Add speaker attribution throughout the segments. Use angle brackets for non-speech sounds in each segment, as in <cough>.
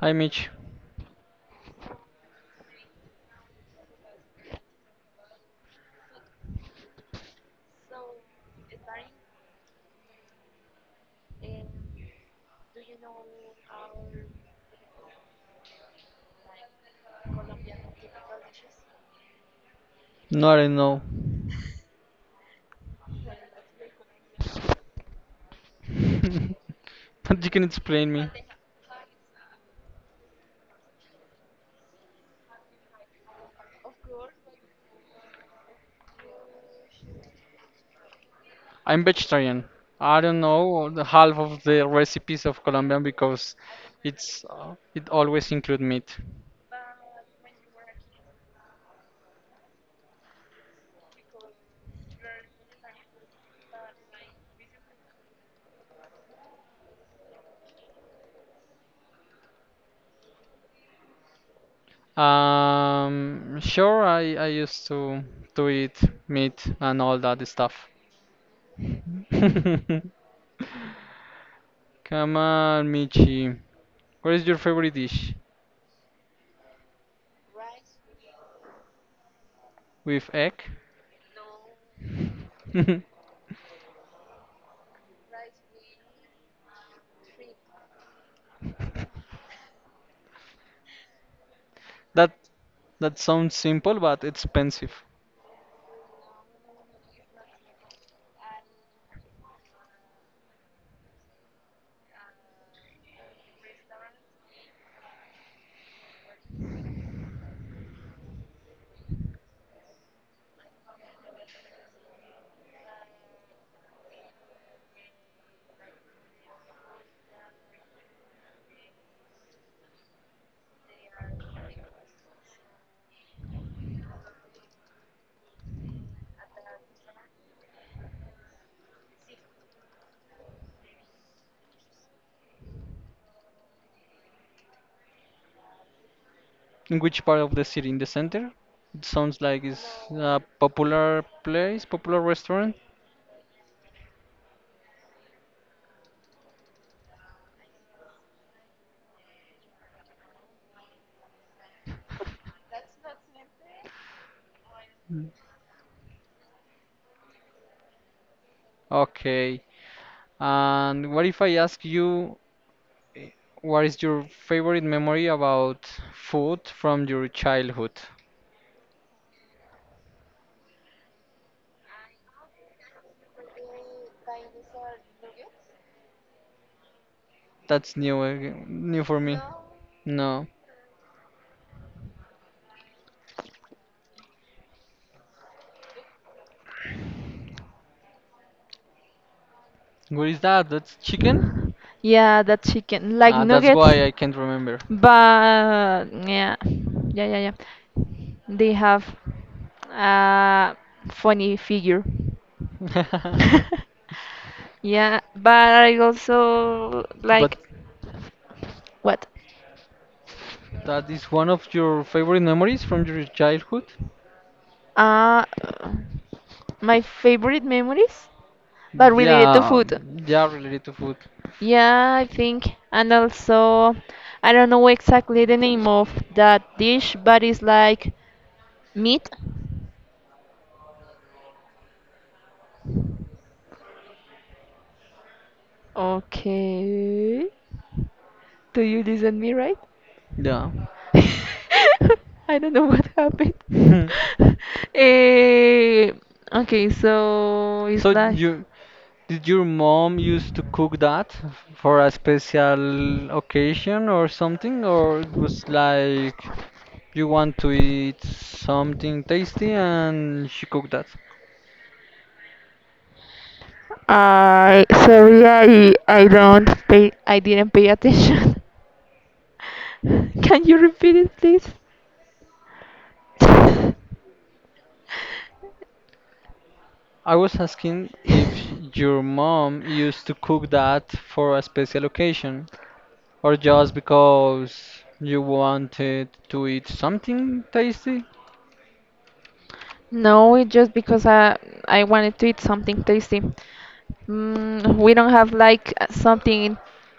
Speaker 1: Hi Mitch. No, I don't know. <laughs> But you can explain me. I'm vegetarian. I don't know the half of the recipes of Colombian because it always include meat. Sure, I used to eat meat and all that stuff. <laughs> Come on, Michi. What is your favorite dish? With egg? <laughs> That that sounds simple, but expensive. In which part of the city? In the center? It sounds like it's a popular place, popular restaurant. <laughs> Okay. And what if I ask you, eh, what is your favorite memory about food from your childhood? That's new, new for me. No. What is that? That's chicken?
Speaker 2: Yeah, that chicken, like
Speaker 1: Ah, that's
Speaker 2: nuggets,
Speaker 1: why I can't remember.
Speaker 2: but yeah, yeah, yeah, yeah. They have a funny figure.
Speaker 1: <laughs>
Speaker 2: <laughs> Yeah, but I also like
Speaker 1: But
Speaker 2: what?
Speaker 1: that is one of your favorite memories from your childhood?
Speaker 2: Uh, my favorite memories, but related to
Speaker 1: Yeah,
Speaker 2: food.
Speaker 1: yeah, related to food.
Speaker 2: Yeah, I think, and also, I don't know exactly the name of that dish, but it's like meat. Okay. Do you listen me right?
Speaker 1: Yeah.
Speaker 2: <laughs> I don't know what happened.
Speaker 1: <laughs>
Speaker 2: <laughs> Eh, okay, so it's
Speaker 1: So
Speaker 2: like
Speaker 1: your mom used to cook that for a special occasion or something, or it was like you want to eat something tasty and she cooked that?
Speaker 2: I sorry, I don't pay I didn't pay attention. <laughs> Can you repeat it please?
Speaker 1: I
Speaker 2: <laughs>
Speaker 1: was asking if your mom used to cook that for a special occasion, or just because you wanted to eat something tasty.
Speaker 2: No, it's just because I wanted to eat something tasty. We don't have like something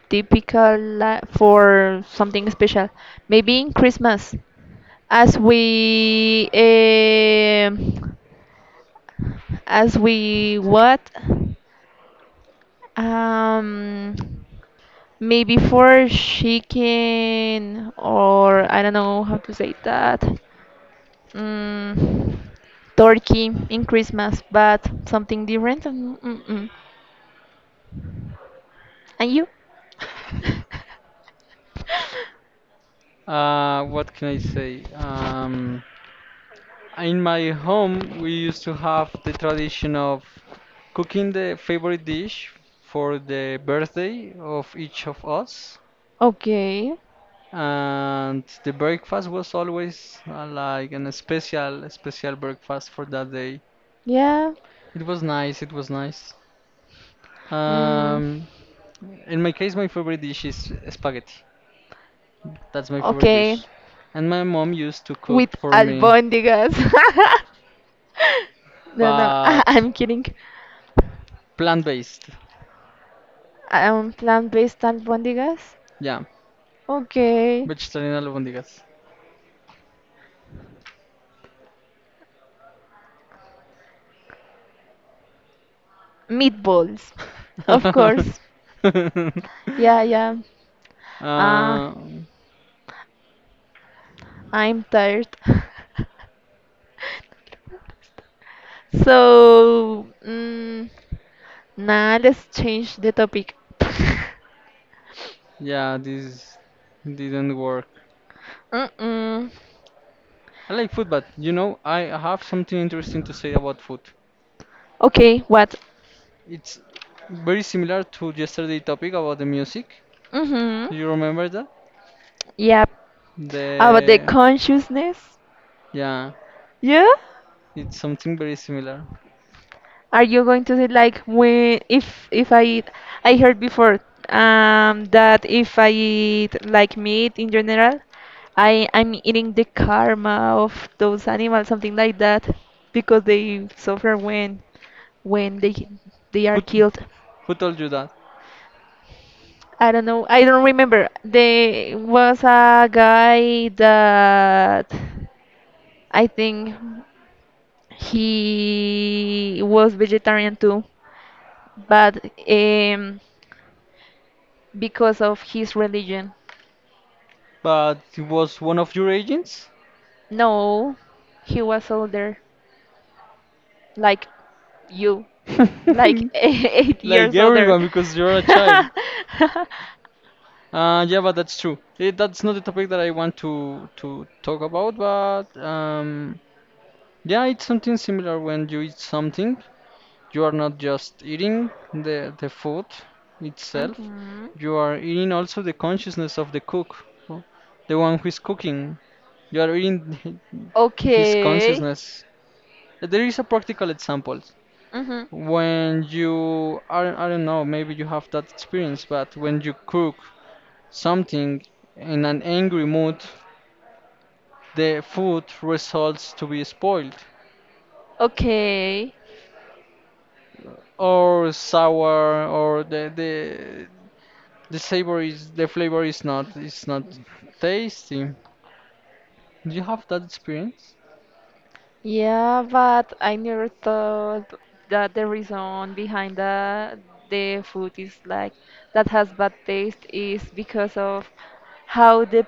Speaker 2: typical for something special. Maybe in Christmas, as we um as we what? Um, Maybe for chicken or I don't know how to say that. Mm, Turkey in Christmas, but something different. Mm-mm. And you? <laughs>
Speaker 1: What can I say? In my home, we used to have the tradition of cooking the favorite dish for the birthday of each of us,
Speaker 2: Okay.
Speaker 1: and the breakfast was always like an special, special breakfast for that day.
Speaker 2: Yeah.
Speaker 1: It was nice. It was nice.
Speaker 2: Mm,
Speaker 1: Um, in my case, my favorite dish is spaghetti. That's my favorite
Speaker 2: okay,
Speaker 1: dish, and my mom used to
Speaker 2: with
Speaker 1: cook for me
Speaker 2: albondigas. <laughs> No, no, I
Speaker 1: but
Speaker 2: I'm kidding.
Speaker 1: plant based.
Speaker 2: Plant-based albondigas.
Speaker 1: Yeah.
Speaker 2: Okay,
Speaker 1: Vegetarian albóndigas.
Speaker 2: meatballs, of course.
Speaker 1: <laughs>
Speaker 2: Yeah, yeah. Ah,
Speaker 1: Uh,
Speaker 2: I'm tired. <laughs> So, nah, let's change the topic. <laughs>
Speaker 1: yeah, this didn't work.
Speaker 2: Mm-mm.
Speaker 1: I like food, but I have something interesting to say about food.
Speaker 2: Okay, what?
Speaker 1: It's very similar to yesterday topic about the music.
Speaker 2: Mm-hmm.
Speaker 1: Do you remember that?
Speaker 2: Yeah, about the
Speaker 1: The
Speaker 2: consciousness.
Speaker 1: Yeah,
Speaker 2: Yeah?
Speaker 1: it's something very similar.
Speaker 2: Are you going to say like when if I eat, I heard before that if I eat like meat in general, I'm eating the karma of those animals, something like that, because they suffer when they
Speaker 1: Who
Speaker 2: are killed.
Speaker 1: who told you that?
Speaker 2: I don't know. I don't remember. There was a guy that I think he was vegetarian too, but um, because of his religion.
Speaker 1: But it was one of your agents?
Speaker 2: No, he was older, like you, like
Speaker 1: <laughs>
Speaker 2: <laughs> eight
Speaker 1: Like
Speaker 2: years older.
Speaker 1: everyone because you're a
Speaker 2: <laughs>
Speaker 1: child. Yeah, but that's true. That's not the topic that I want to talk about, but yeah, it's something similar. When you eat something, you are not just eating the food itself.
Speaker 2: Mhm.
Speaker 1: You are eating also the consciousness of the cook, the one who is cooking. You are eating <laughs> his
Speaker 2: Okay.
Speaker 1: consciousness. There is a practical example.
Speaker 2: Hmm.
Speaker 1: When you, I don't know, maybe you have that experience, but when you cook something in an angry mood, the food results to be spoiled
Speaker 2: Okay.
Speaker 1: or sour or the savor is the flavor is not tasty. Do you have that experience?
Speaker 2: Yeah, but I never thought that the reason behind the food is like that has bad taste is because of how the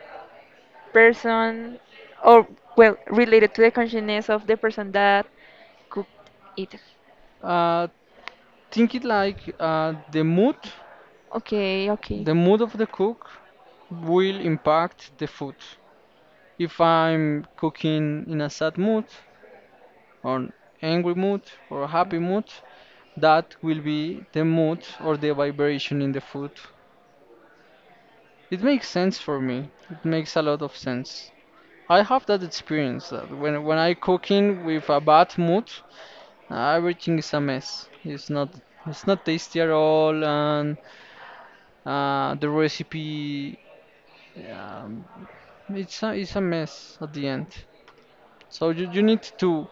Speaker 2: person or well related to the consciousness of the person that cooked it.
Speaker 1: Uh, think it like, the mood,
Speaker 2: Okay, okay,
Speaker 1: the mood of the cook will impact the food. If I'm cooking in a sad mood, on angry mood or happy mood, that will be the mood or the vibration in the food. It makes sense for me. It makes a lot of sense. I have that experience that when I cooking with a bad mood, everything is a mess. It's not tasty at all, and the recipe, um, it's a mess at the end. So you need to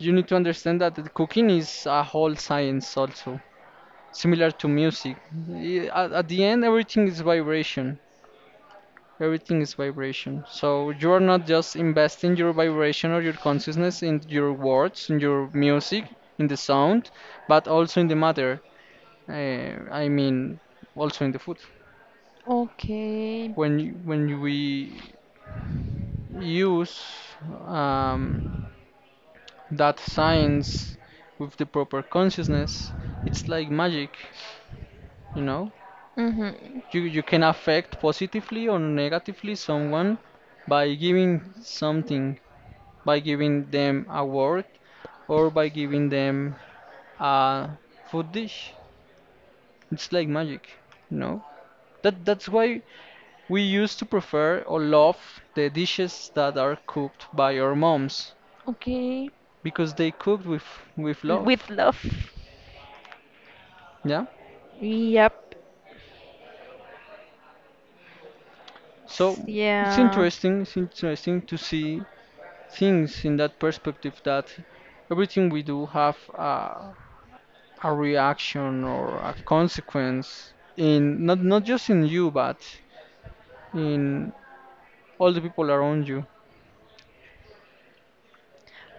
Speaker 1: you need to understand that the cooking is a whole science also. Similar to music. At the end, everything is vibration. Everything is vibration. So you are not just investing your vibration or your consciousness in your words, in your music, in the sound, but also in the matter. Uh, I mean, also in the food.
Speaker 2: okay.
Speaker 1: We use, um, that science with the proper consciousness, it's like magic, you know.
Speaker 2: Mhm.
Speaker 1: You can affect positively or negatively someone by giving something, by giving them a word or by giving them a food dish. It's like magic, you know? That's why we used to prefer or love the dishes that are cooked by our moms
Speaker 2: Okay.
Speaker 1: because they cooked with
Speaker 2: With
Speaker 1: love.
Speaker 2: love.
Speaker 1: Yeah.
Speaker 2: Yep.
Speaker 1: So it's
Speaker 2: Yeah.
Speaker 1: interesting. It's interesting to see things in that perspective that everything we do have, a reaction or a consequence in, not just in you but in all the people around you.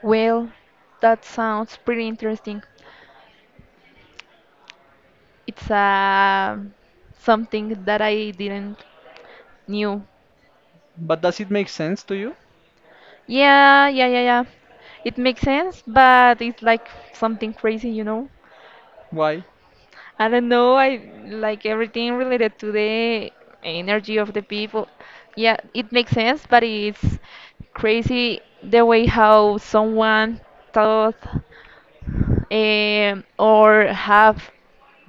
Speaker 2: Well, that sounds pretty interesting. It's something that I didn't knew.
Speaker 1: But does it make sense to you?
Speaker 2: Yeah, yeah, yeah, yeah. It makes sense, but it's like something crazy, you know?
Speaker 1: Why?
Speaker 2: I don't know, I like everything related to the energy of the people. Yeah, it makes sense, but it's crazy the way how someone thought or have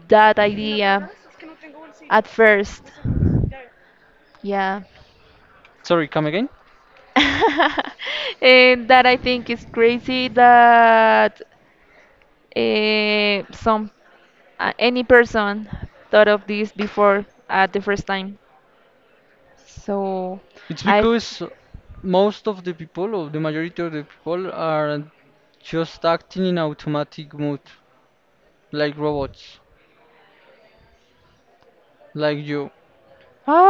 Speaker 2: that idea at first. Yeah.
Speaker 1: Sorry, come again?
Speaker 2: <laughs> And that I think is crazy that some any person thought of this before at the first time. So
Speaker 1: It's
Speaker 2: I
Speaker 1: because most of the people, or the majority of the people, are just acting in automatic mode, like robots, like you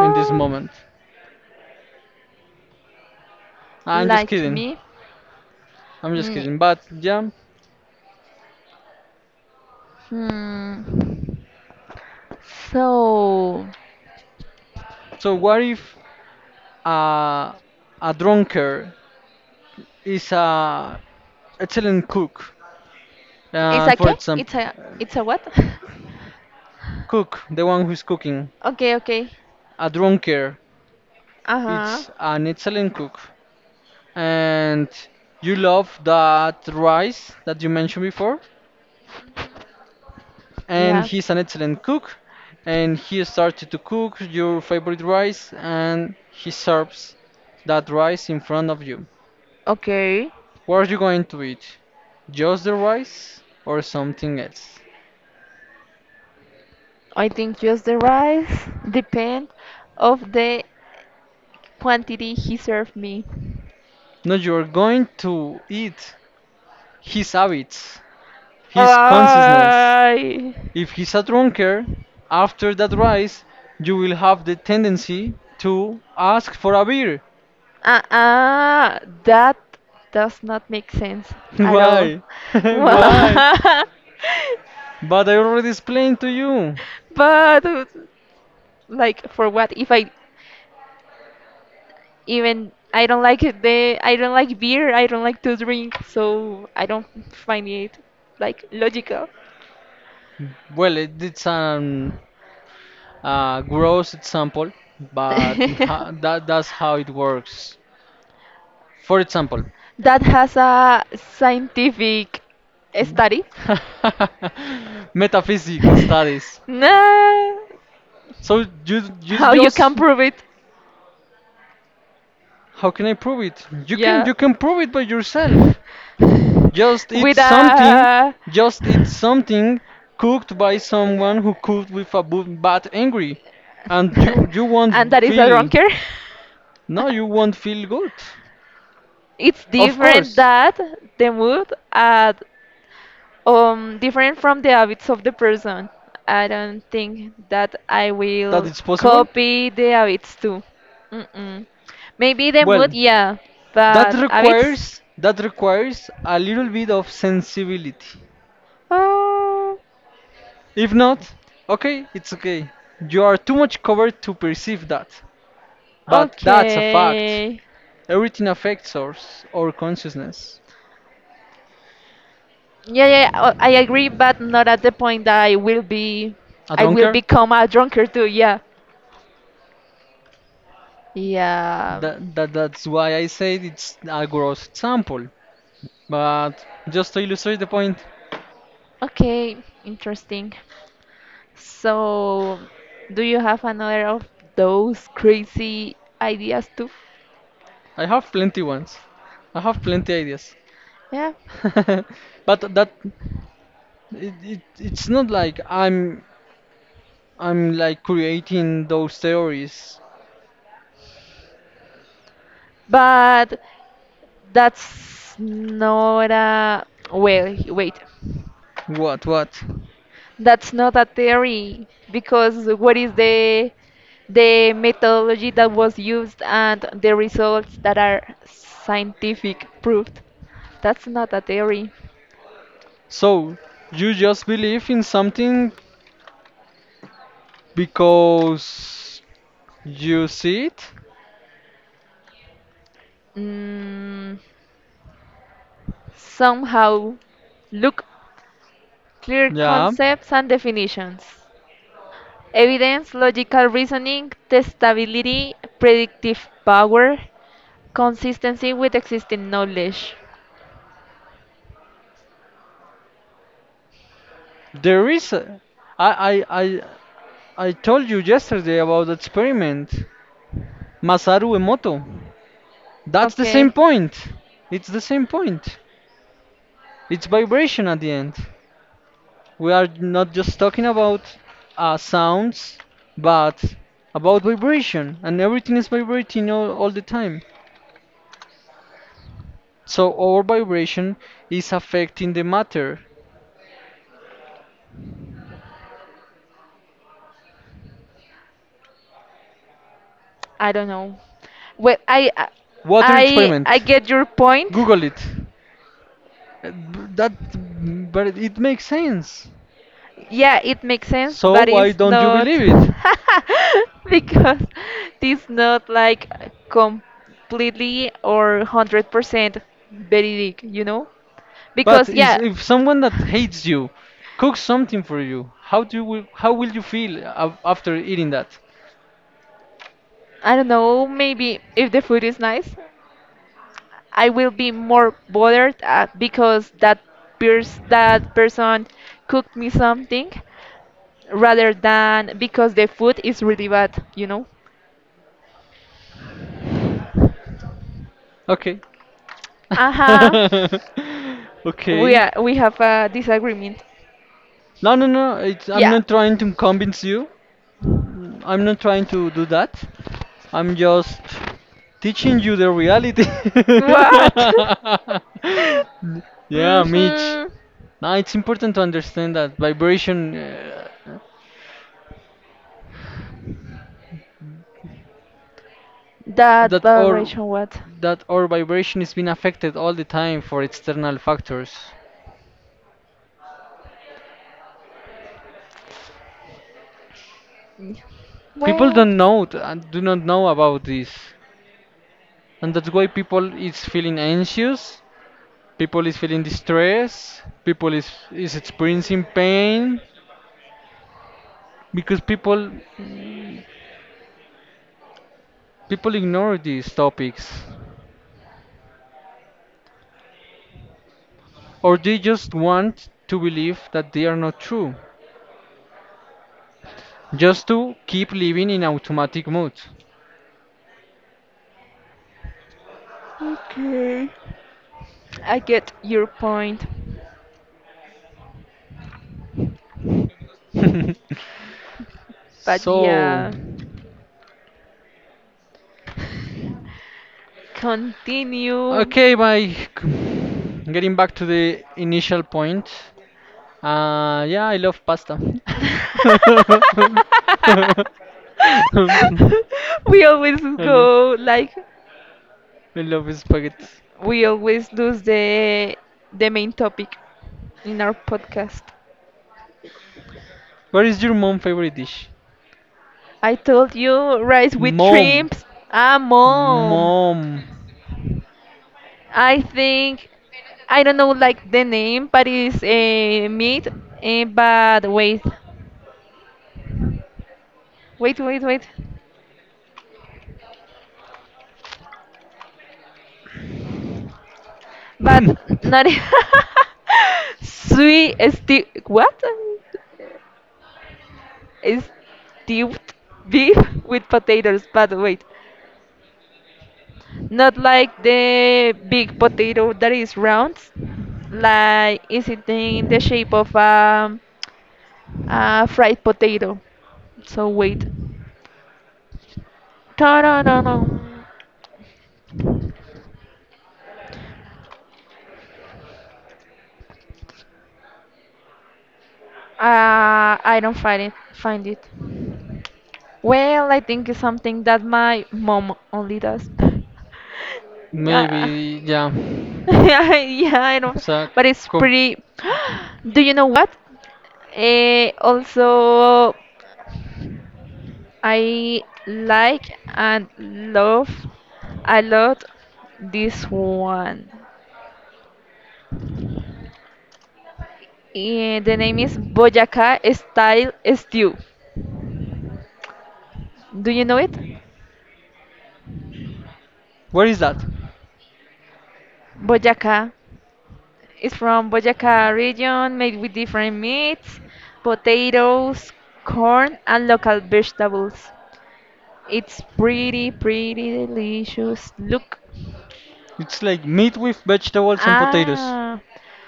Speaker 1: in this moment. I'm just
Speaker 2: like
Speaker 1: kidding.
Speaker 2: me.
Speaker 1: I'm just
Speaker 2: Ni-
Speaker 1: kidding. But yeah.
Speaker 2: Hmm. So
Speaker 1: So what if, uh, a drunkard is a excellent cook?
Speaker 2: it's a
Speaker 1: For
Speaker 2: qué?
Speaker 1: example,
Speaker 2: It's a what? <laughs>
Speaker 1: cook, the one who's cooking,
Speaker 2: Okay, okay.
Speaker 1: a drunkard,
Speaker 2: Uh-huh.
Speaker 1: it's an excellent cook. And you love that rice that you mentioned before, and
Speaker 2: Yeah.
Speaker 1: he's an excellent cook. And he started to cook your favorite rice, and he serves that rice in front of you.
Speaker 2: Okay.
Speaker 1: What are you going to eat? Just the rice or something else?
Speaker 2: I think just the rice depend of the quantity he served me.
Speaker 1: No, you're going to eat his habits, his consciousness.
Speaker 2: Ay.
Speaker 1: If he's a drunkard, after that rise, you will have the tendency to ask for a beer.
Speaker 2: Uh-uh. That does not make sense
Speaker 1: <laughs>
Speaker 2: at all.
Speaker 1: Why? <laughs>
Speaker 2: <laughs>
Speaker 1: Why?
Speaker 2: Why?
Speaker 1: But I already explained to you.
Speaker 2: But like for what if I even I don't like it, the I don't like beer, I don't like to drink, so I don't find it like logical.
Speaker 1: Well, it's an gross example, but ha-
Speaker 2: <laughs>
Speaker 1: that, that's how it works. For example,
Speaker 2: That has a scientific study.
Speaker 1: <laughs> metaphysics studies.
Speaker 2: <laughs> No,
Speaker 1: So you
Speaker 2: how you can
Speaker 1: just
Speaker 2: prove it?
Speaker 1: how can I prove it? You can
Speaker 2: Yeah.
Speaker 1: you can prove it by yourself.
Speaker 2: <laughs>
Speaker 1: Just eat
Speaker 2: With
Speaker 1: something,
Speaker 2: a <laughs>
Speaker 1: just eat something cooked by someone who cooked with a bad angry, and you
Speaker 2: and
Speaker 1: won't
Speaker 2: that is a
Speaker 1: feel,
Speaker 2: drunker. <laughs>
Speaker 1: no, you won't feel good.
Speaker 2: It's
Speaker 1: Of
Speaker 2: different
Speaker 1: course.
Speaker 2: that the mood, at different from the habits of the person. I don't think that I
Speaker 1: That
Speaker 2: will
Speaker 1: is possible.
Speaker 2: copy the habits too. Mm-mm. Maybe the
Speaker 1: Well,
Speaker 2: mood, yeah,
Speaker 1: that
Speaker 2: but habits.
Speaker 1: requires, a little bit of sensibility.
Speaker 2: Oh,
Speaker 1: If not, okay, it's okay. You are too much covered to perceive that. But that's a fact.
Speaker 2: okay.
Speaker 1: Everything affects us, our consciousness.
Speaker 2: Yeah, yeah, I agree, but not at the point that
Speaker 1: A
Speaker 2: I will
Speaker 1: drunkard?
Speaker 2: become a drunkard too. Yeah, yeah.
Speaker 1: That's why I said it's a gross example. But just to illustrate the point,
Speaker 2: Okay, interesting. So, do you have another of those crazy ideas too?
Speaker 1: I have plenty ones. I have plenty ideas.
Speaker 2: Yeah.
Speaker 1: <laughs> But it's not like I'm like creating those theories.
Speaker 2: But that's not a well, wait.
Speaker 1: What?
Speaker 2: That's not a theory because what is the methodology that was used and the results that are scientific proved? That's not a theory.
Speaker 1: So you just believe in something because you see it?
Speaker 2: Mm, Somehow look clear
Speaker 1: Yeah.
Speaker 2: concepts and definitions, evidence, logical reasoning, testability, predictive power, consistency with existing knowledge.
Speaker 1: There is I I I I told you yesterday about the experiment. Masaru Emoto. That's the same
Speaker 2: Okay,
Speaker 1: point. It's the same point. It's vibration at the end. We are not just talking about, sounds, but about vibration, and everything is vibrating all the time. So our vibration is affecting the matter.
Speaker 2: I don't know. Well, I I
Speaker 1: Water
Speaker 2: I
Speaker 1: experiment.
Speaker 2: I get your point.
Speaker 1: Google it. Uh, b- That, but it makes sense.
Speaker 2: Yeah, it makes sense,
Speaker 1: So
Speaker 2: but
Speaker 1: why
Speaker 2: it's
Speaker 1: don't you
Speaker 2: not
Speaker 1: believe it?
Speaker 2: <laughs> because it's not like completely or 100% very big, you know?
Speaker 1: But
Speaker 2: Because
Speaker 1: is
Speaker 2: yeah,
Speaker 1: if someone that hates you cooks something for you, how will you feel after eating that?
Speaker 2: I don't know, maybe if the food is nice, I will be more bothered because that person cooked me something rather than because the food is really bad, you know?
Speaker 1: Okay. <laughs>
Speaker 2: Uh-huh.
Speaker 1: Okay.
Speaker 2: We have a disagreement.
Speaker 1: No, no, no. I'm
Speaker 2: Yeah.
Speaker 1: not trying to convince you. I'm not trying to do that. I'm just teaching you the reality.
Speaker 2: What? <laughs>
Speaker 1: <laughs> Yeah, Mitch.
Speaker 2: Mm-hmm.
Speaker 1: Now it's important to understand that vibration,
Speaker 2: That
Speaker 1: that
Speaker 2: bad
Speaker 1: or
Speaker 2: ration what?
Speaker 1: that our vibration is being affected all the time for external factors.
Speaker 2: Mm,
Speaker 1: People
Speaker 2: Well,
Speaker 1: don't know, and do not know about this, and that's why people is feeling anxious, people is feeling distress, people is experiencing pain, because people ignore these topics, or they just want to believe that they are not true, just to keep living in automatic mode.
Speaker 2: okay. I get your point. But
Speaker 1: So
Speaker 2: yeah, continue.
Speaker 1: okay, by getting back to the initial point, yeah, I love pasta.
Speaker 2: <laughs>
Speaker 1: <laughs> I
Speaker 2: we always
Speaker 1: love,
Speaker 2: go like
Speaker 1: I love spaghetti.
Speaker 2: we always lose the main topic in our podcast.
Speaker 1: What is your mom favorite dish?
Speaker 2: I told you rice with
Speaker 1: Mom,
Speaker 2: shrimps. Ah, mom.
Speaker 1: mom,
Speaker 2: I think I don't know like the name, but it's a meat. But wait, wait, wait, wait. But not <laughs> sweet stew. What? Stewed beef with potatoes. But wait, not like the big potato that is round. Like is it in the shape of a fried potato? So wait. Ta-da-da-dum. I don't find it. Find it. Well, I think it's something that my mom only does. <laughs> Yeah,
Speaker 1: maybe, yeah.
Speaker 2: <laughs> yeah, yeah, I know,
Speaker 1: It's
Speaker 2: but it's
Speaker 1: com-
Speaker 2: pretty. <gasps> Do you know what? Also, I like and love a lot this one. The name is Boyacá Style Stew. Do you know it?
Speaker 1: what is that?
Speaker 2: Boyacá is from Boyacá region, made with different meats, potatoes, corn, and local vegetables. It's pretty, pretty delicious. Look,
Speaker 1: It's like meat with vegetables and potatoes.
Speaker 2: ah,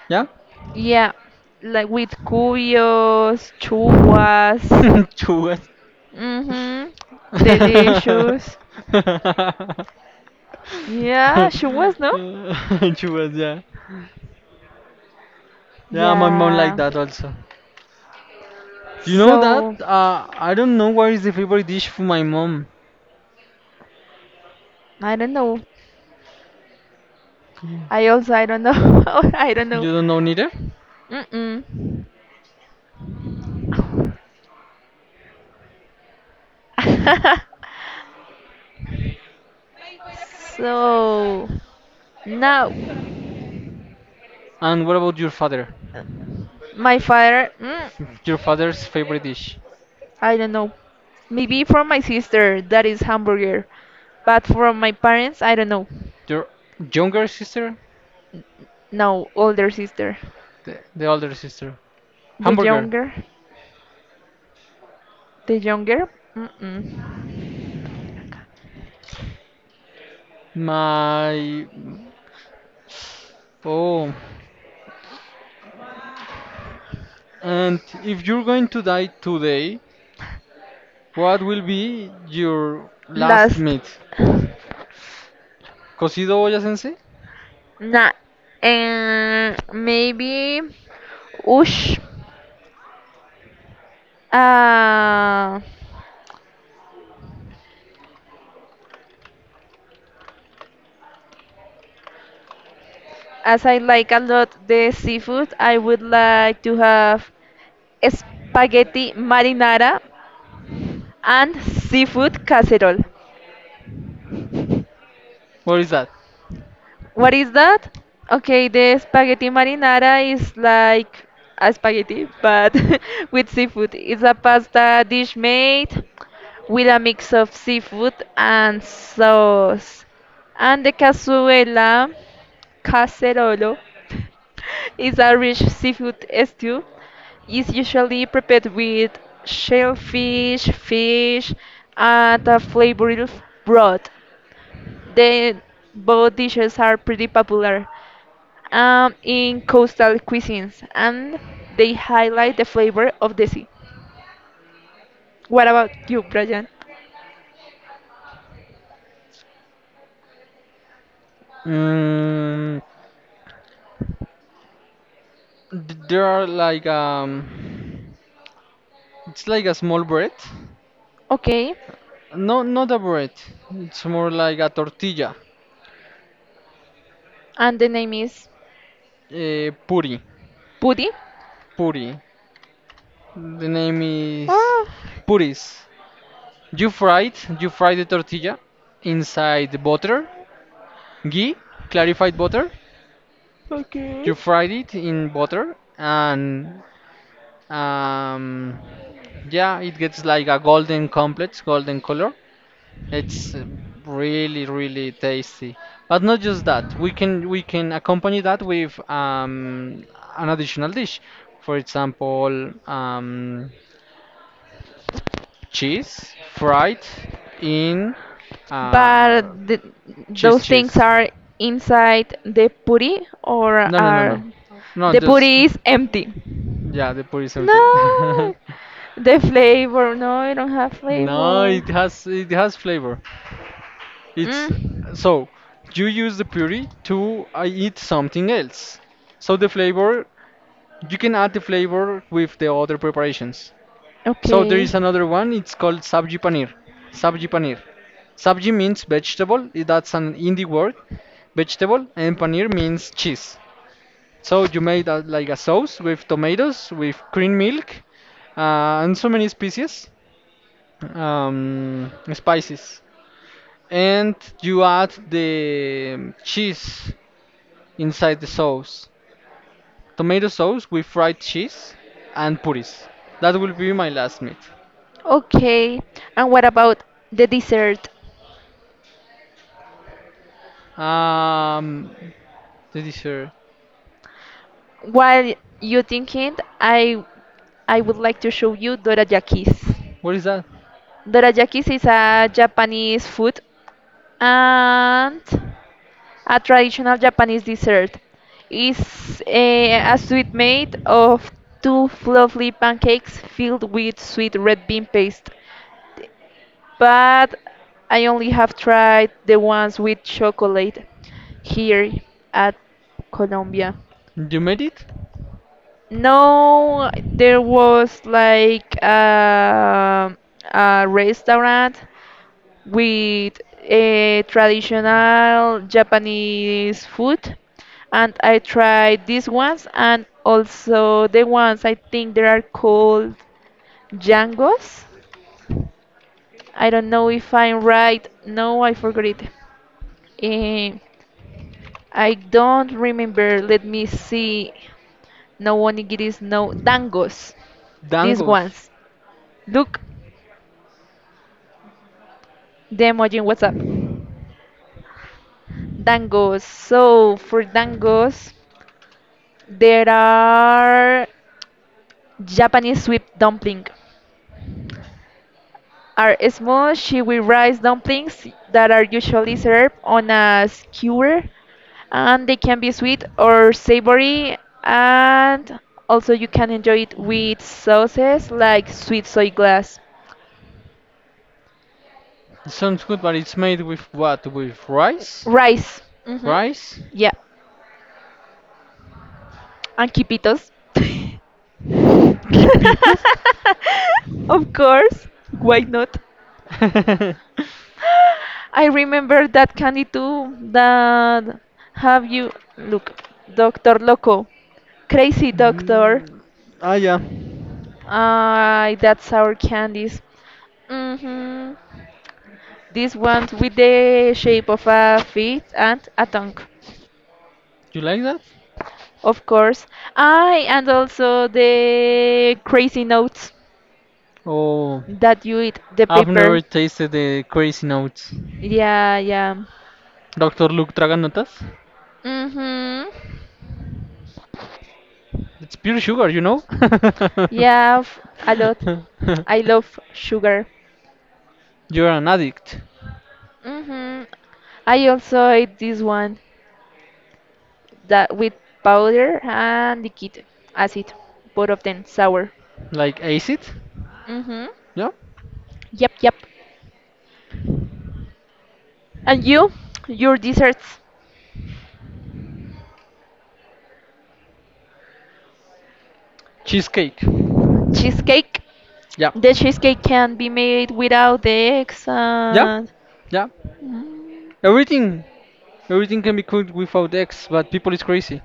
Speaker 1: Yeah?
Speaker 2: yeah, like with
Speaker 1: <laughs>
Speaker 2: cuyos, chuwas.
Speaker 1: Chugas.
Speaker 2: Mm-hmm.
Speaker 1: <laughs>
Speaker 2: Delicious. Yeah, chuwas, no?
Speaker 1: Chugas, yeah. Yeah, my mom like
Speaker 2: Yeah.
Speaker 1: that also. You know that?
Speaker 2: So,
Speaker 1: I don't know what is the favorite dish for my mom.
Speaker 2: I don't know. I also I don't know. <laughs> I don't know.
Speaker 1: You don't know neither?
Speaker 2: Mm-mm. <laughs> So, now
Speaker 1: And what about your father?
Speaker 2: my father,
Speaker 1: Your father's favorite dish.
Speaker 2: I don't know. Maybe from my sister, that is hamburger. But from my parents, I don't know.
Speaker 1: Your younger sister?
Speaker 2: No, older sister.
Speaker 1: The older sister.
Speaker 2: The
Speaker 1: Hamburger.
Speaker 2: younger, the younger. Mm-mm.
Speaker 1: My. Oh. And if you're going to die today, what will be your last
Speaker 2: Last.
Speaker 1: meat? Cocido olla sensei?
Speaker 2: Nah, and maybe, ush, uh, as I like a lot the seafood, I would like to have spaghetti marinara and seafood casserole.
Speaker 1: What is that?
Speaker 2: What is that? Okay, the spaghetti marinara is like a spaghetti, but <laughs> with seafood. It's a pasta dish made with a mix of seafood and sauce. And the cazuela, caserolo, <laughs> is a rich seafood stew. It's usually prepared with shellfish, fish, and a flavored broth. They both dishes are pretty popular in coastal cuisines, and they highlight the flavor of the sea. What about you, Brian?
Speaker 1: Mm, th- there are like it's like a small bread.
Speaker 2: Okay,
Speaker 1: No, not a bread. It's more like a tortilla.
Speaker 2: and the name is
Speaker 1: Puri,
Speaker 2: Pudi.
Speaker 1: puri. The name is
Speaker 2: Oh,
Speaker 1: puris. You fried, you fry the tortilla inside the butter, ghee, clarified butter.
Speaker 2: okay.
Speaker 1: You fried it in butter, and, um, yeah, it gets like a golden color. It's really, really tasty. But not just that, we can accompany that with, an additional dish. For example, cheese fried in,
Speaker 2: But
Speaker 1: uh,
Speaker 2: th
Speaker 1: cheese
Speaker 2: those things
Speaker 1: cheese.
Speaker 2: are inside the puri, or
Speaker 1: No, no, no,
Speaker 2: are
Speaker 1: no. No,
Speaker 2: the
Speaker 1: just
Speaker 2: puri is empty?
Speaker 1: yeah, the puri is empty.
Speaker 2: No,
Speaker 1: <laughs>
Speaker 2: the flavor. No, I don't have
Speaker 1: No,
Speaker 2: flavor.
Speaker 1: it has flavor. It's
Speaker 2: Mm.
Speaker 1: so you use the puree to, eat something else. So the flavor you can add the flavor with the other preparations. So there
Speaker 2: Okay.
Speaker 1: is another one. It's called sabji paneer. Sabji paneer. Sabji means vegetable, that's an Hindi word, vegetable, and paneer means cheese. So you made a sauce with tomatoes, with cream milk, and so many spices. And you add the cheese inside the sauce. Tomato sauce with fried cheese and puris. That will be my last meat.
Speaker 2: Okay. And what about the dessert?
Speaker 1: Um, the dessert.
Speaker 2: While you thinking, I would like to show you dorayakis.
Speaker 1: What is that?
Speaker 2: Dorayakis is a Japanese food, and a traditional Japanese dessert is a sweet made of two fluffy pancakes filled with sweet red bean paste. But I only have tried the ones with chocolate here at Colombia.
Speaker 1: You made it?
Speaker 2: No, there was like a restaurant with a traditional Japanese food. And I tried these ones and also the ones I think they are called Jangos. I don't know if I'm right. No, I forgot it. Eh, I don't remember. Let me see. No onigiris, no dangos. These
Speaker 1: Dangos.
Speaker 2: ones. Look, the emoji in WhatsApp. Dangos. So for dangos, there are Japanese sweet dumpling are small shiwi rice dumplings that are usually served on a skewer, and they can be sweet or savory, and also you can enjoy it with sauces like sweet soy glass
Speaker 1: Sounds good, but it's made with what? With rice?
Speaker 2: rice. Hmm,
Speaker 1: Rice?
Speaker 2: yeah, and quipitos.
Speaker 1: <laughs> Quipitos?
Speaker 2: <laughs> Of course, why not.
Speaker 1: <laughs>
Speaker 2: I remember that candy too. That have you look, Doctor Loco, Crazy Doctor.
Speaker 1: Mm, ah, yeah.
Speaker 2: Ah, that's our candies. Mm-hmm. This one with the shape of a feet and a tongue,
Speaker 1: You like that?
Speaker 2: of course. I And also the crazy notes
Speaker 1: Oh,
Speaker 2: that you eat the
Speaker 1: I've
Speaker 2: paper.
Speaker 1: never tasted the crazy notes.
Speaker 2: Yeah, yeah.
Speaker 1: Dr. Luke Traganotas?
Speaker 2: Mm-hmm.
Speaker 1: It's pure sugar, you know?
Speaker 2: Yeah, a lot.
Speaker 1: <laughs>
Speaker 2: I love sugar.
Speaker 1: You're an addict.
Speaker 2: hmm I also ate this one that with powder and liquid acid, both of them sour.
Speaker 1: Like acid?
Speaker 2: Hmm.
Speaker 1: Yeah?
Speaker 2: Yep, yep. And you, your desserts,
Speaker 1: Cheesecake.
Speaker 2: cheesecake.
Speaker 1: Yeah.
Speaker 2: The cheesecake can be made without the eggs
Speaker 1: Yeah?
Speaker 2: and.
Speaker 1: Yeah?
Speaker 2: Mm.
Speaker 1: Everything, everything can be cooked without eggs, but people is crazy.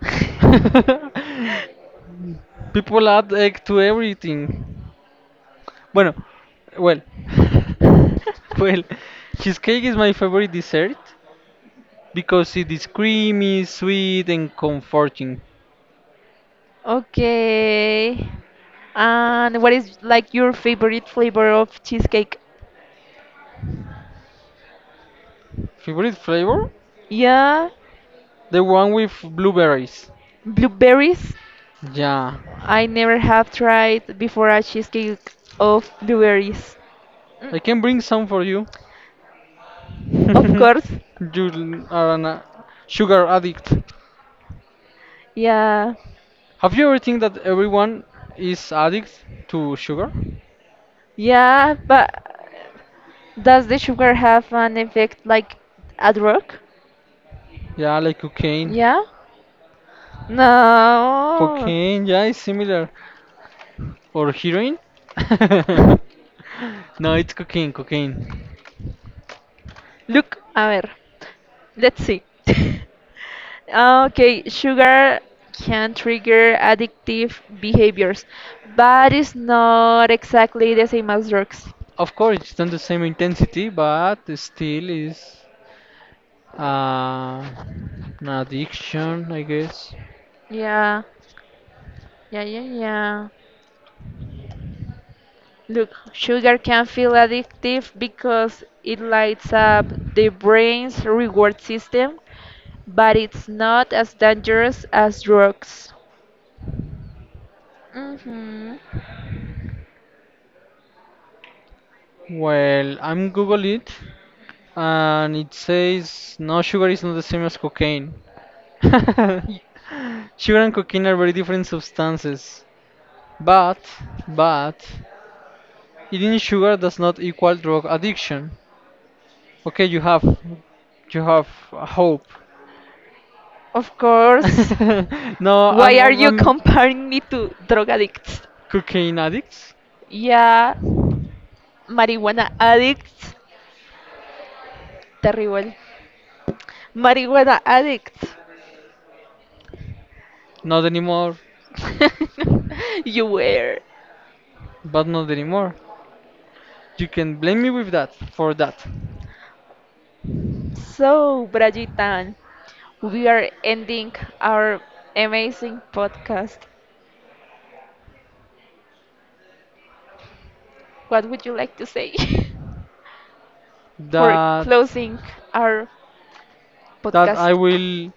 Speaker 2: <laughs>
Speaker 1: People add egg to everything. Bueno, well, <laughs> well, cheesecake is my favorite dessert because it is creamy, sweet, and comforting.
Speaker 2: Okay. And what is like your favorite flavor of cheesecake?
Speaker 1: Favorite flavor?
Speaker 2: Yeah,
Speaker 1: The one with blueberries.
Speaker 2: blueberries.
Speaker 1: Yeah,
Speaker 2: I never have tried before a cheesecake of blueberries. Mm,
Speaker 1: I can bring some for you. <laughs>
Speaker 2: Of
Speaker 1: You
Speaker 2: course.
Speaker 1: are an, sugar addict.
Speaker 2: Yeah.
Speaker 1: Have you ever think that everyone is addict to sugar?
Speaker 2: Yeah, but does the sugar have an effect like a drug?
Speaker 1: Yeah, like cocaine.
Speaker 2: Yeah? No.
Speaker 1: Cocaine, yeah, it's similar. Or heroin? <laughs> No, it's cocaine, cocaine.
Speaker 2: Look, a ver. Let's see. <laughs> Okay, sugar can trigger addictive behaviors, but it's not exactly the same as drugs.
Speaker 1: Of course, it's not the same intensity, but still is, uh, an addiction, I guess.
Speaker 2: Yeah. Yeah, yeah, yeah. Look, sugar can feel addictive because it lights up the brain's reward system, but it's not as dangerous as drugs. hmm
Speaker 1: Well, I'm Google it, and it says no, sugar is not the same as cocaine. <laughs> Sugar and cocaine are very different substances. But, but, eating sugar does not equal drug addiction. Okay, you have a hope.
Speaker 2: Of course.
Speaker 1: <laughs> No,
Speaker 2: Why
Speaker 1: I'm,
Speaker 2: are you <laughs> comparing me to drug addicts?
Speaker 1: cocaine addicts.
Speaker 2: Yeah, marijuana addicts. Terrible. Marijuana addicts.
Speaker 1: Not anymore,
Speaker 2: <laughs> You were.
Speaker 1: but not anymore. You can blame me with that, for that.
Speaker 2: So, Brajitan, we are ending our amazing podcast. What would you like to say <laughs> for
Speaker 1: That,
Speaker 2: closing our
Speaker 1: that I
Speaker 2: podcast?
Speaker 1: will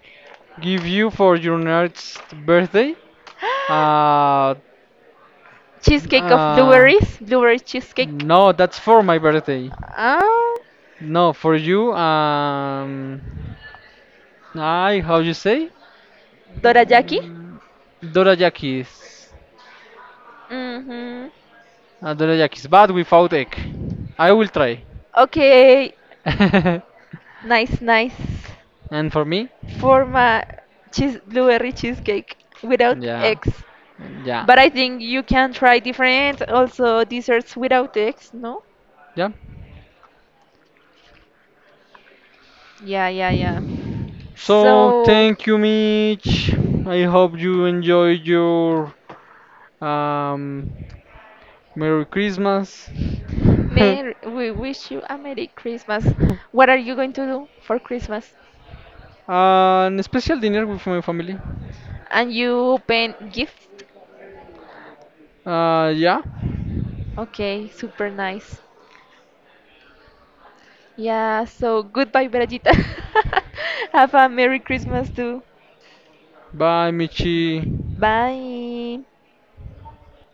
Speaker 1: give you for your next birthday.
Speaker 2: <gasps>
Speaker 1: Uh,
Speaker 2: Cheesecake of
Speaker 1: uh,
Speaker 2: blueberries, blueberry cheesecake.
Speaker 1: no, that's for my birthday.
Speaker 2: Ah,
Speaker 1: No, for you. I how you say?
Speaker 2: dorayaki.
Speaker 1: Mm, Dorayakis.
Speaker 2: Mm-hmm.
Speaker 1: Dorayakis, but without egg. I will try.
Speaker 2: Okay,
Speaker 1: <laughs>
Speaker 2: nice, nice.
Speaker 1: And for me?
Speaker 2: For my cheese blueberry cheesecake without
Speaker 1: Yeah.
Speaker 2: eggs.
Speaker 1: Yeah.
Speaker 2: But I think you can try different also desserts without eggs, no?
Speaker 1: Yeah.
Speaker 2: Yeah, yeah, yeah.
Speaker 1: So
Speaker 2: So,
Speaker 1: thank you, Mitch. I hope you enjoyed your, um, Merry Christmas. <laughs>
Speaker 2: Mer we wish you a Merry Christmas. What are you going to do for Christmas?
Speaker 1: And a special dinner with my family.
Speaker 2: And you open gifts?
Speaker 1: Yeah.
Speaker 2: Okay, super nice. Yeah, so goodbye, Brajita. <laughs> Have a Merry Christmas too.
Speaker 1: Bye, Michi.
Speaker 2: Bye.